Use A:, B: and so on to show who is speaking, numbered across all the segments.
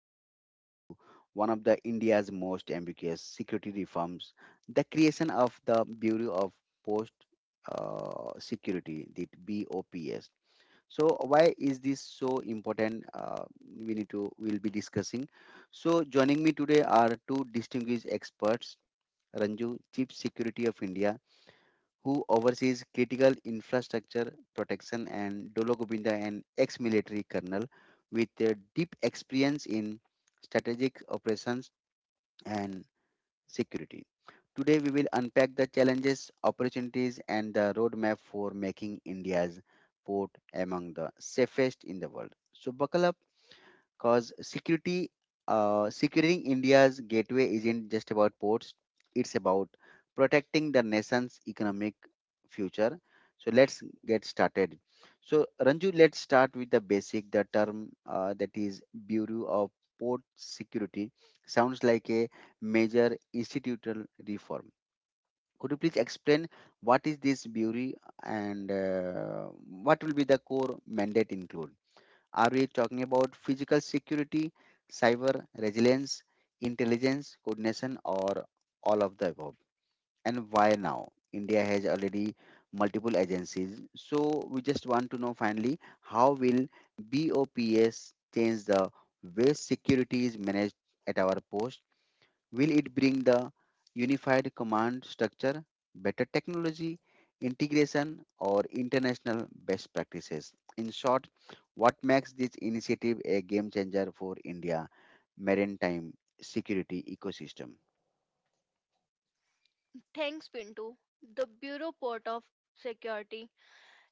A: diving into one of the India's most ambiguous security reforms, the creation of the Bureau of Post Security, the BOPS. So why is this so important? We need to we'll be discussing. So joining me today are two distinguished experts, Ranju, Chief Security of India, who oversees critical infrastructure protection, and Dolo Gobinda, an ex military colonel with a deep experience in strategic operations and security. Today, we will unpack the challenges, opportunities, and the roadmap for making India's port among the safest in the world. So, buckle up, because security, securing India's gateway isn't just about ports, it's about protecting the nation's economic future. So let's get started. So, Ranju, let's start with the basic, the term that is Bureau of Port Security. Sounds like a major institutional reform. Could you please explain what is this bureau, and what will be the core mandate include? Are we talking about physical security, cyber resilience, intelligence, coordination, or all of the above? And why now? India has already multiple agencies. So we just want to know finally how will BOPS change the way security is managed at our post? Will it bring the unified command structure, better technology, integration, or international best practices? In short, what makes this initiative a game changer for India maritime security ecosystem?
B: Thanks, Pinto. The Bureau Port of Security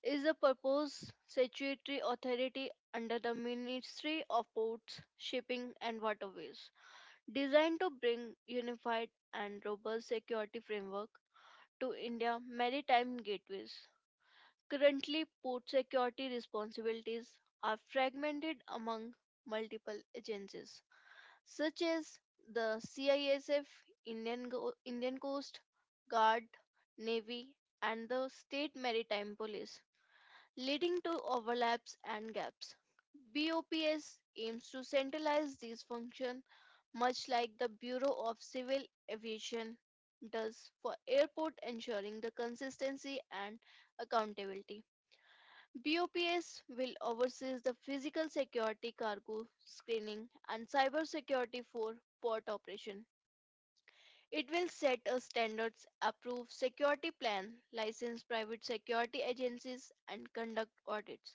B: is a proposed statutory authority under the Ministry of Ports, Shipping and Waterways, designed to bring unified and robust security framework to India maritime gateways. Currently, port security responsibilities are fragmented among multiple agencies such as the CISF, Indian Coast Guard, Navy, and the State Maritime Police, leading to overlaps and gaps. BOPS aims to centralize these functions, much like the Bureau of Civil Aviation does for airport, ensuring the consistency and accountability. BOPS will oversee the physical security cargo screening and cyber security for port operation. It will set a standards, approve security plan, license private security agencies, and conduct audits.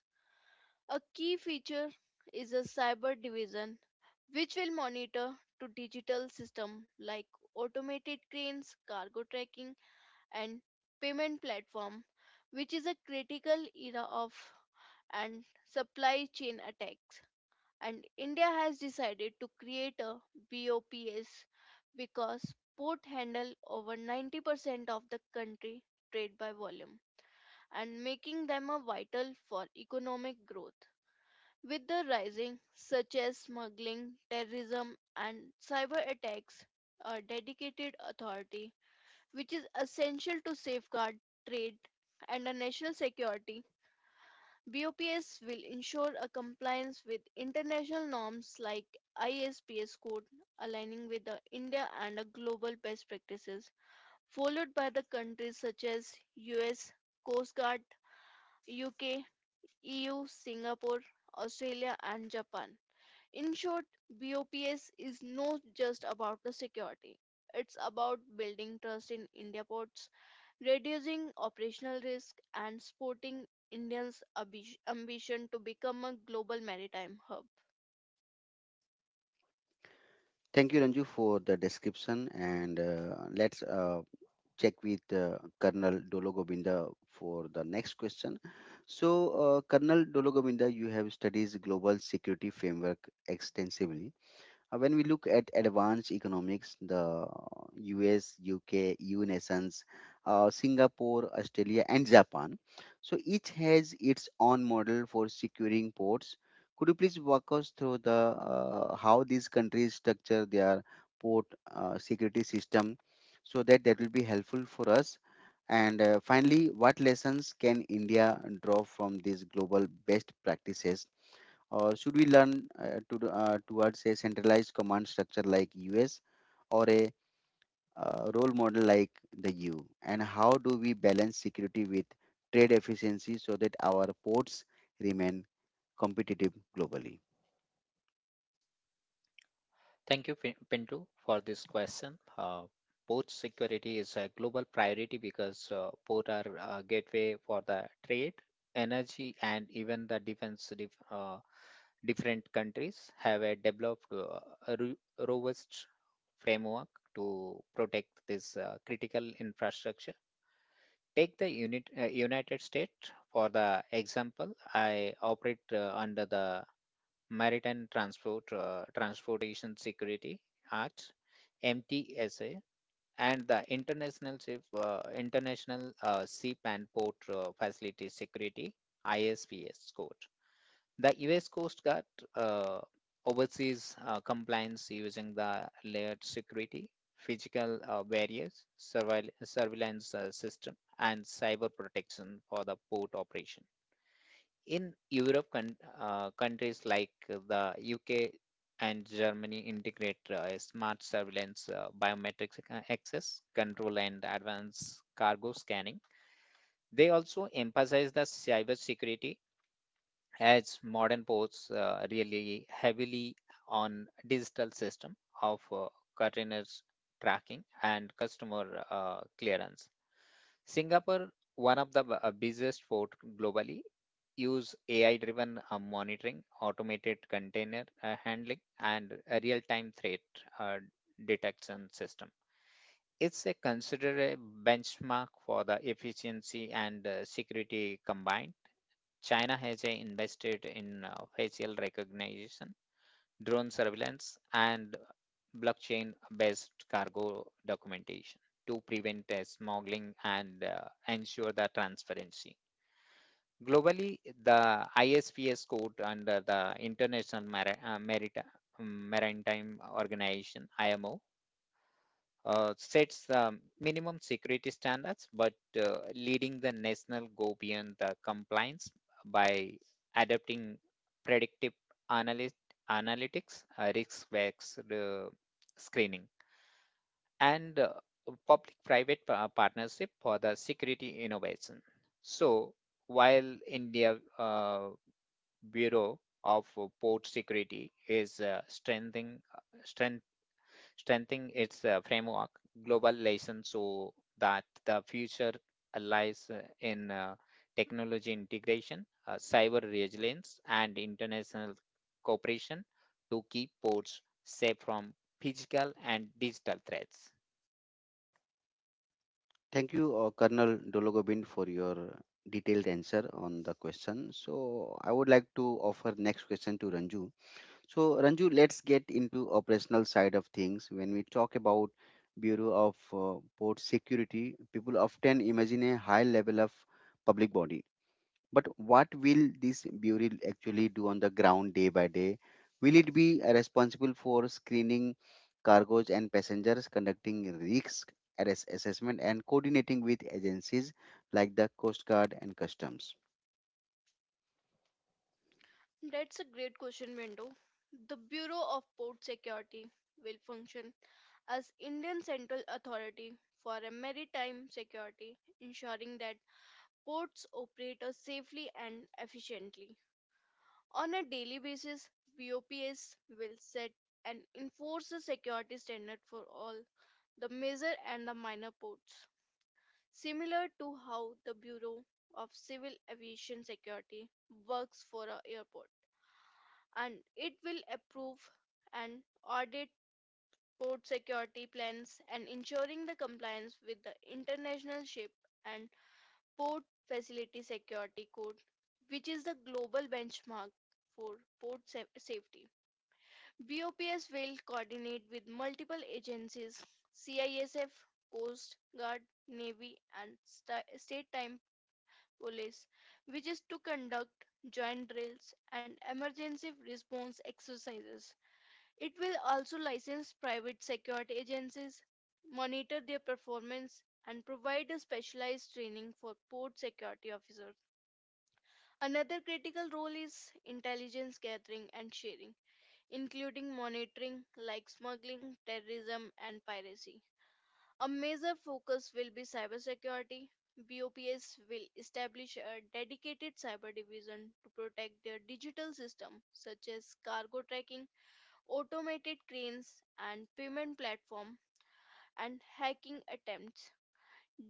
B: A key feature is a cyber division, which will monitor to digital system like automated cranes, cargo tracking, and payment platform, which is a critical era of and supply chain attacks. And India has decided to create a BOPS because port handle over 90% of the country trade by volume and making them a vital for economic growth. With the rising such as smuggling, terrorism and cyber attacks, a dedicated authority which is essential to safeguard trade and a national security. BOPS will ensure a compliance with international norms like ISPS code, aligning with the India and the global best practices, followed by the countries such as US, Coast Guard, UK, EU, Singapore, Australia, and Japan. In short, BOPS is not just about the security. It's about building trust in India ports, reducing operational risk and supporting Indians' ambition to become a global maritime hub.
A: Thank you, Ranju, for the description. And let's check with Colonel Dolo for the next question. So, Colonel Dolo, you have studied global security framework extensively. When we look at advanced economics, the US, UK, EU nations, Singapore, Australia, and Japan, so each has its own model for securing ports. Could you please walk us through the how these countries structure their port security system, so that will be helpful for us. And finally, what lessons can India draw from these global best practices, or should we learn towards a centralized command structure like US, or a role model like the EU? And how do we balance security with trade efficiency so that our ports remain competitive globally?
C: Thank you, Pinto, for this question. Port security is a global priority because ports are a gateway for the trade, energy, and even the defense. Different countries have a developed a ru- robust framework to protect this critical infrastructure. Take the United States for the example. I operate under the Maritime Transport Transportation Security Act, MTSA, and the International Ship and Port Facility Security (ISPS) code. The U.S. Coast Guard uh, oversees compliance using the layered security, physical barriers, surveillance system, and cyber protection for the port operation in Europe, countries like the UK and Germany integrate smart surveillance, biometrics access control, and advanced cargo scanning. They also emphasize the cybersecurity as modern ports really heavily on digital system of containers tracking and customer clearance. Singapore, one of the busiest port globally, use AI-driven monitoring, automated container handling, and a real-time threat uh, detection system. It's a considerable benchmark for the efficiency and security combined. China has invested in facial recognition, drone surveillance, and blockchain based cargo documentation to prevent smuggling and ensure the transparency. Globally, the ISPS code under the Maritime Organization, IMO, sets minimum security standards, but leading the national go beyond the compliance by adopting predictive analyst, analytics, risk-based screening, and public-private partnership for the security innovation. So, while India Bureau of Port Security is strengthening strengthening its framework, global lessons so that the future lies in technology integration, cyber resilience, and international cooperation to keep ports safe from physical and digital threats.
A: Thank you, Colonel Dologobind, for your detailed answer on the question. So I would like to offer next question to Ranju. So, Ranju, let's get into operational side of things. When we talk about Bureau of Port Security, people often imagine a high level of public body. But what will this bureau actually do on the ground day by day? Will it be responsible for screening cargoes and passengers, conducting risk arrest assessment, and coordinating with agencies like the Coast Guard and Customs?
B: That's a great question, Window. The Bureau of Port Security will function as Indian central authority for a maritime security, ensuring that ports operate safely and efficiently. On a daily basis, BOPS will set and enforce a security standard for all the major and the minor ports, similar to how the Bureau of Civil Aviation Security works for an airport, and it will approve and audit port security plans and ensuring the compliance with the International Ship and Port Facility Security Code, which is the global benchmark for port safety. BOPS will coordinate with multiple agencies, CISF, Coast Guard, Navy, and state time police, which is to conduct joint drills and emergency response exercises. It will also license private security agencies, monitor their performance, and provide a specialized training for port security officers. Another critical role is intelligence gathering and sharing, including monitoring like smuggling, terrorism, and piracy. A major focus will be cybersecurity. BOPS will establish a dedicated cyber division to protect their digital system such as cargo tracking, automated cranes and payment platform and hacking attempts.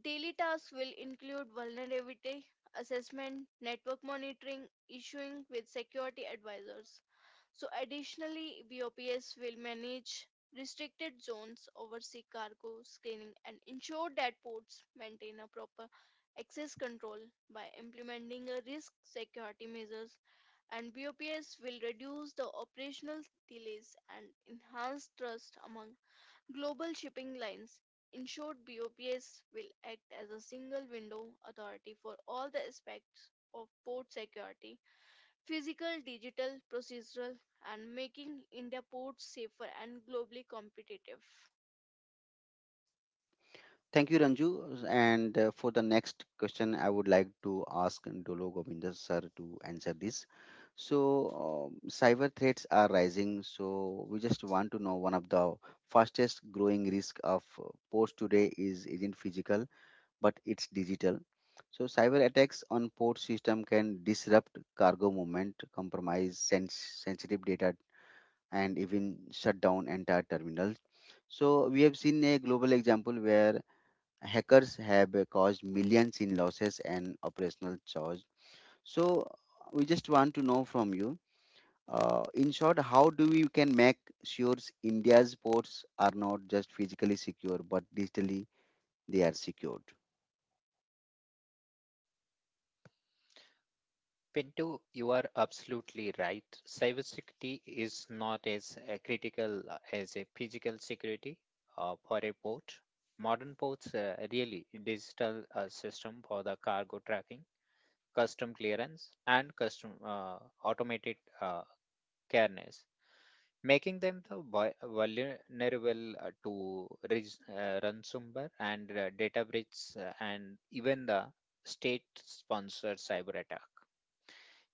B: Daily tasks will include vulnerability assessment, network monitoring, issuing with security advisors. So, additionally, BOPS will manage restricted zones, oversee cargo screening, and ensure that ports maintain a proper access control by implementing a risk security measures. And BOPS will reduce the operational delays and enhance trust among global shipping lines. In short, BOPS will act as a single window authority for all the aspects of port security, physical, digital, procedural, and making India ports safer and globally competitive.
A: Thank you, Ranju. And for the next question, I would like to ask Dolo Govinda sir to answer this. So, cyber threats are rising. So, we just want to know one of the fastest growing risk of ports today is isn't physical, but it's digital. So, cyber attacks on port system can disrupt cargo movement, compromise sensitive data, and even shut down entire terminals. So, we have seen a global example where hackers have caused millions in losses and operational charge. So we just want to know from you, in short, how do we can make sure India's ports are not just physically secure, but digitally they are secured?
C: Pinto, you are absolutely right. Cybersecurity is not as critical as a physical security for a port. Modern ports really digital system for the cargo tracking custom clearance, and custom automated careness, making them the vulnerable to ransomware and data breach and even the state-sponsored cyber attack.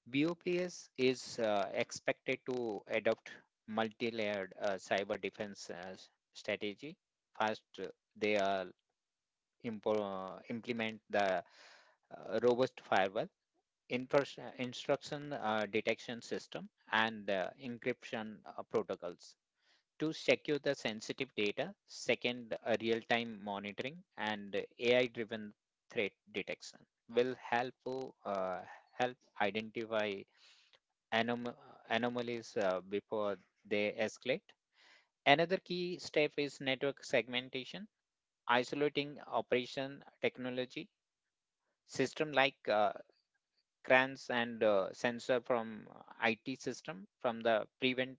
C: BOPS is expected to adopt multi-layered cyber defense strategy. First, they are implement the robust firewall instruction detection system and encryption protocols to secure the sensitive data second real-time monitoring and ai driven threat detection will help uh, help identify anom- anomalies before they escalate another key step is network segmentation isolating operation technology system like crans and sensor from IT system from the prevent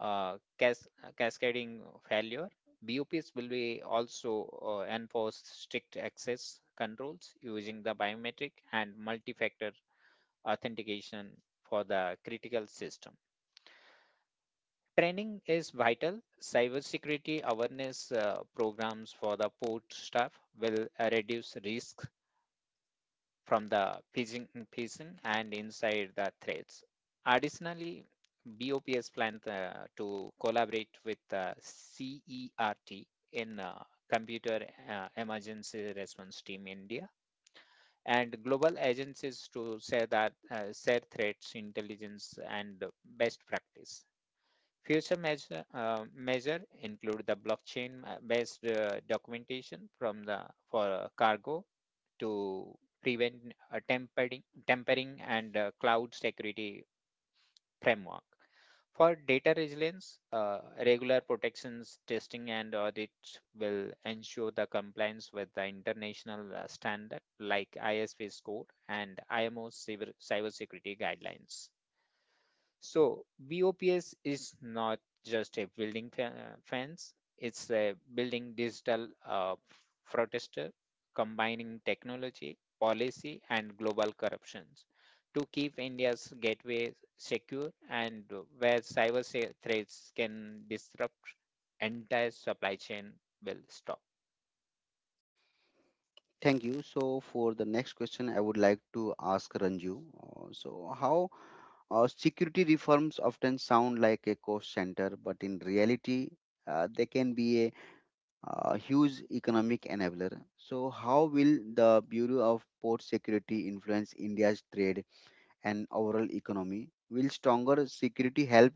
C: uh, cas- cascading failure. BOPs will be also enforce strict access controls using the biometric and multi-factor authentication for the critical system. Training is vital. Cybersecurity awareness programs for the port staff will reduce risk from the pigeon and inside the threads. Additionally, BOPS plans to collaborate with CERT in Computer Emergency Response Team India and global agencies to share that share threats, intelligence, and best practice. Future measure include the blockchain-based documentation from the for cargo to prevent tempering and cloud security framework. For data resilience, regular protections, testing, and audits will ensure the compliance with the international standard like ISV score and IMO cyber cybersecurity guidelines. So BOPS is not just a fence, it's a building digital protester combining technology, policy, and global corruptions to keep India's gateway secure and where threats can disrupt entire supply chain will stop.
A: Thank you. So for the next question, I would like to ask Ranju. So how security reforms often sound like a cost center, but in reality, they can be a huge economic enabler. So, how will the Bureau of Port Security influence India's trade and overall economy? Will stronger security help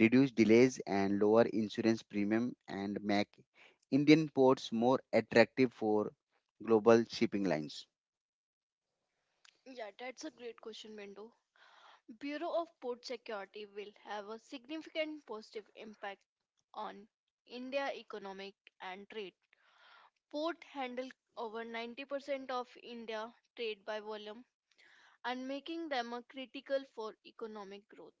A: reduce delays and lower insurance premium, and make Indian ports more attractive for global shipping lines?
B: Yeah, that's a great question, Mendo. Bureau of Port Security will have a significant positive impact on India economic and trade. Port handle over 90% of India trade by volume and making them a critical for economic growth.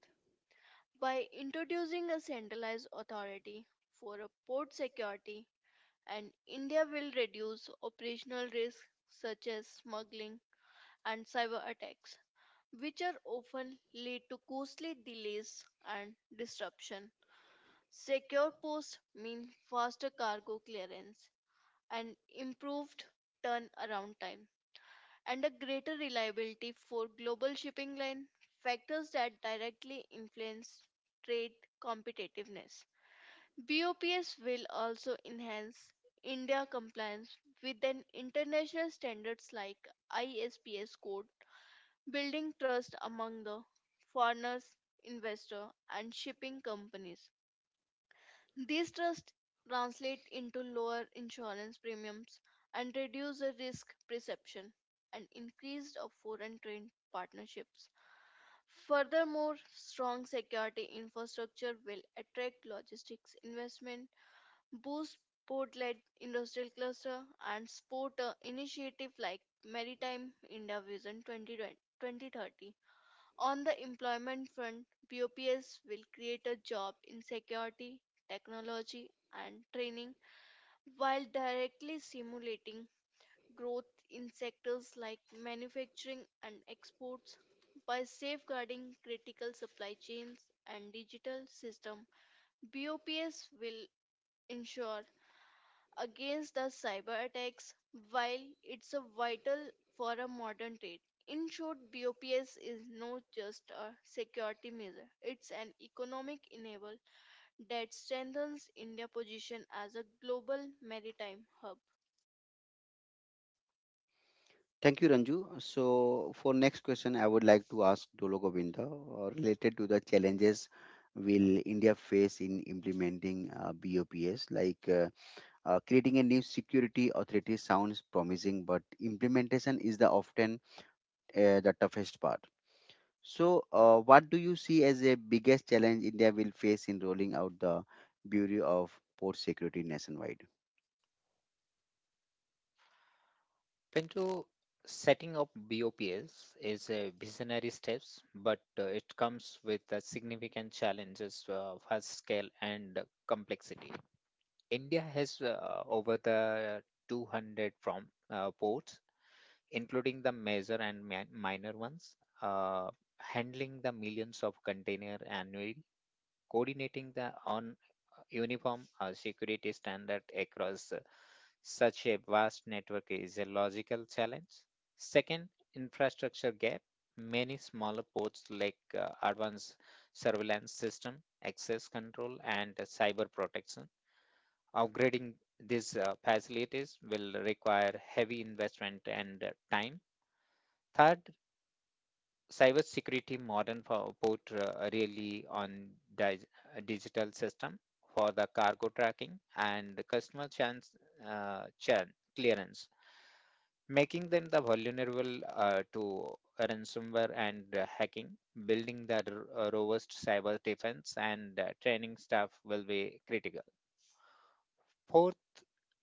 B: By introducing a centralized authority for a port security, and India will reduce operational risks such as smuggling and cyber attacks, which are often lead to costly delays and disruption. Secure ports mean faster cargo clearance and improved turnaround times and a greater reliability for global shipping line, factors that directly influence trade competitiveness. BOPS will also enhance India compliance with an international standards like ISPS code, building trust among the foreigners, investor and shipping companies. These trusts translate into lower insurance premiums and reduce the risk perception and increased of foreign trade partnerships. Furthermore, strong security infrastructure will attract logistics investment, boost port-led industrial cluster, and support initiative like Maritime India Vision 2020 2030. On the employment front, BOPS will create a job in security, technology, and training while directly simulating growth in sectors like manufacturing and exports. By safeguarding critical supply chains and digital system, BOPS will ensure against the cyber attacks, while it's a vital for a modern trade. In short, BOPS is not just a security measure, it's an economic enabler that strengthens India's position as a global maritime hub.
A: Thank you, Ranju. So, for next question, I would like to ask Dolo Govinda related to the challenges will India face in implementing BOPS like. Creating a new security authority sounds promising, but implementation is the often the toughest part. So, what do you see as the biggest challenge India will face in rolling out the Bureau of Port Security nationwide?
C: Pinto, setting up BOPs is a visionary steps, but it comes with significant challenges of for scale and complexity. India has over the 200 from ports, including the major and minor ones, handling the millions of container annually coordinating the on uniform security standard across such a vast network is a logical challenge. Second, infrastructure gap. Many smaller ports lack advanced surveillance system, access control, and cyber protection. Upgrading these facilities will require heavy investment and time. Third, cybersecurity modern for put really on dig- digital system for the cargo tracking and the customer chance clearance, making them the vulnerable to ransomware and hacking. Building the robust cyber defense and training staff will be critical. Fourth,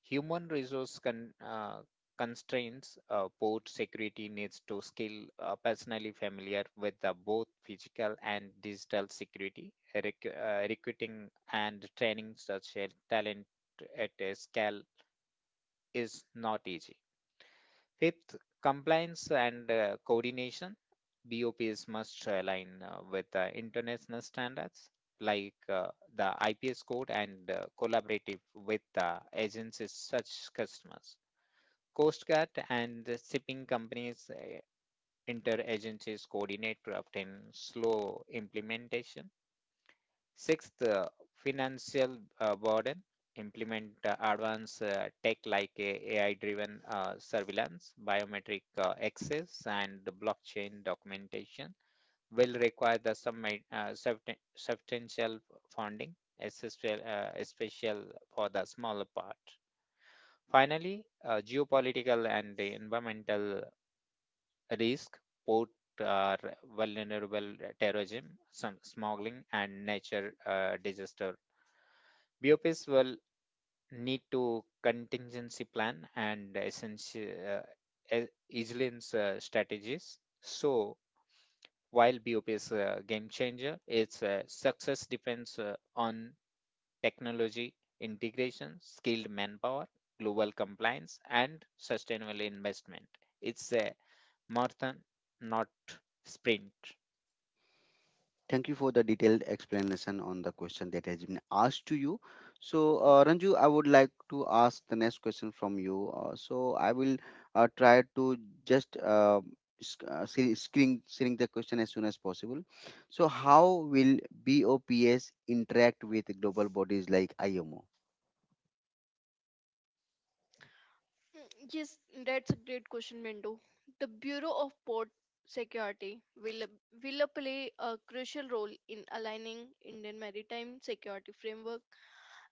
C: human resource constraints, port security needs to scale personally familiar with the both physical and digital security, recruiting and training such a talent at a scale is not easy. Fifth, compliance and coordination. BOPs must align with international standards like the IPS code and collaborative with agencies such customers. Coast Guard and the shipping companies agencies coordinate often slow implementation sixth, financial burden. Implement advanced tech like AI driven surveillance, biometric access, and the blockchain documentation will require the some substantial funding, especially especial for the smaller part. Finally, geopolitical and the environmental risk port uh, vulnerable terrorism, some smuggling, and nature disaster. BOPs will need to contingency plan and essential uh, e-, resilience strategies. So while BOP is a game changer, its success depends on technology integration, skilled manpower, global compliance, and sustainable investment. It's a marathon, not sprint.
A: Thank you for the detailed explanation on the question that has been asked to you. So, Ranju, I would like to ask the next question from you. So, I will try to just screen the question as soon as possible. So, how will BOPS interact with global bodies like IMO?
B: Mm, yes, that's a great question, Bindu. The Bureau of Port Security will play a crucial role in aligning Indian maritime security framework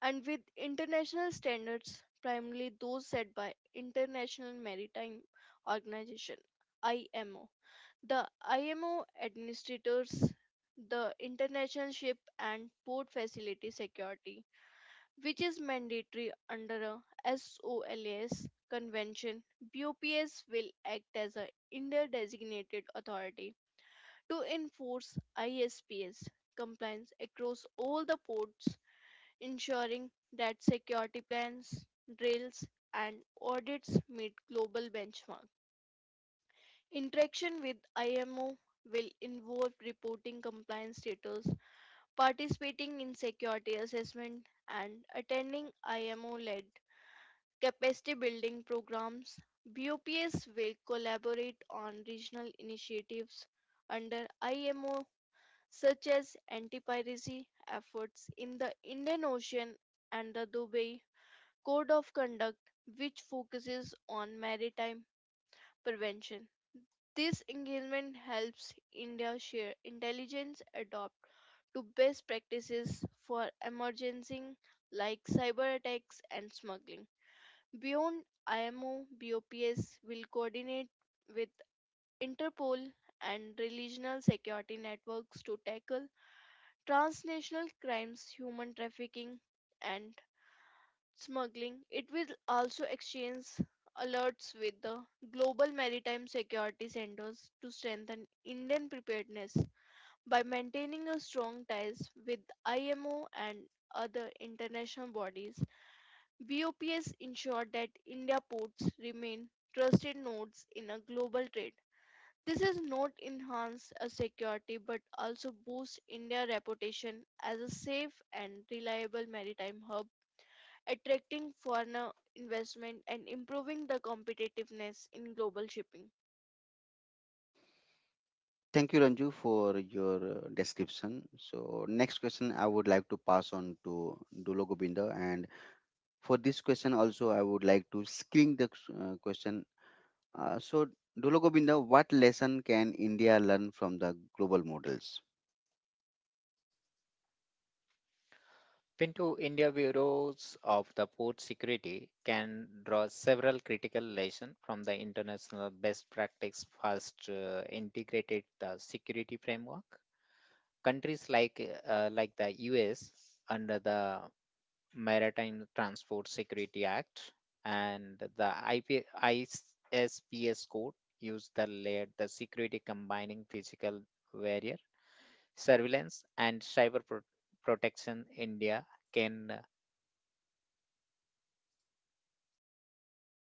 B: and with international standards, primarily those set by International Maritime Organization (IMO). The IMO administers the international ship and port facility security, which is mandatory under a SOLAS convention. BOPS will act as a India designated authority to enforce ISPS compliance across all the ports, ensuring that security plans, drills, and audits meet global benchmarks. Interaction with IMO will involve reporting compliance status, participating in security assessment, and attending IMO led capacity building programs. BOPS will collaborate on regional initiatives under IMO, such as anti piracy efforts in the Indian Ocean and the Dubai Code of Conduct, which focuses on maritime prevention. This engagement helps India share intelligence adopt to best practices for emergency like cyber attacks and smuggling. Beyond IMO, BOPS will coordinate with Interpol and regional security networks to tackle transnational crimes, human trafficking, and smuggling. It will also exchange alerts with the Global Maritime Security Centers to strengthen Indian preparedness by maintaining a strong ties with IMO and other international bodies. BOPS ensured that India ports remain trusted nodes in a global trade. This is not enhance a security but also boost India's reputation as a safe and reliable maritime hub, attracting foreign investment and improving the competitiveness in global shipping.
A: Thank you, Ranju, for your description. So, next question I would like to pass on to Dulo Govinda, and for this question also, I would like to screen the question, so Dulo Govinda, what lesson can India learn from the global models?
C: Pinto India Bureaus of the Port Security can draw several critical lessons from the international best practice first integrated the security framework. Countries like the US under the Maritime Transport Security Act and the IP, ISPS code use the layered the security combining physical barrier. Surveillance and protection India can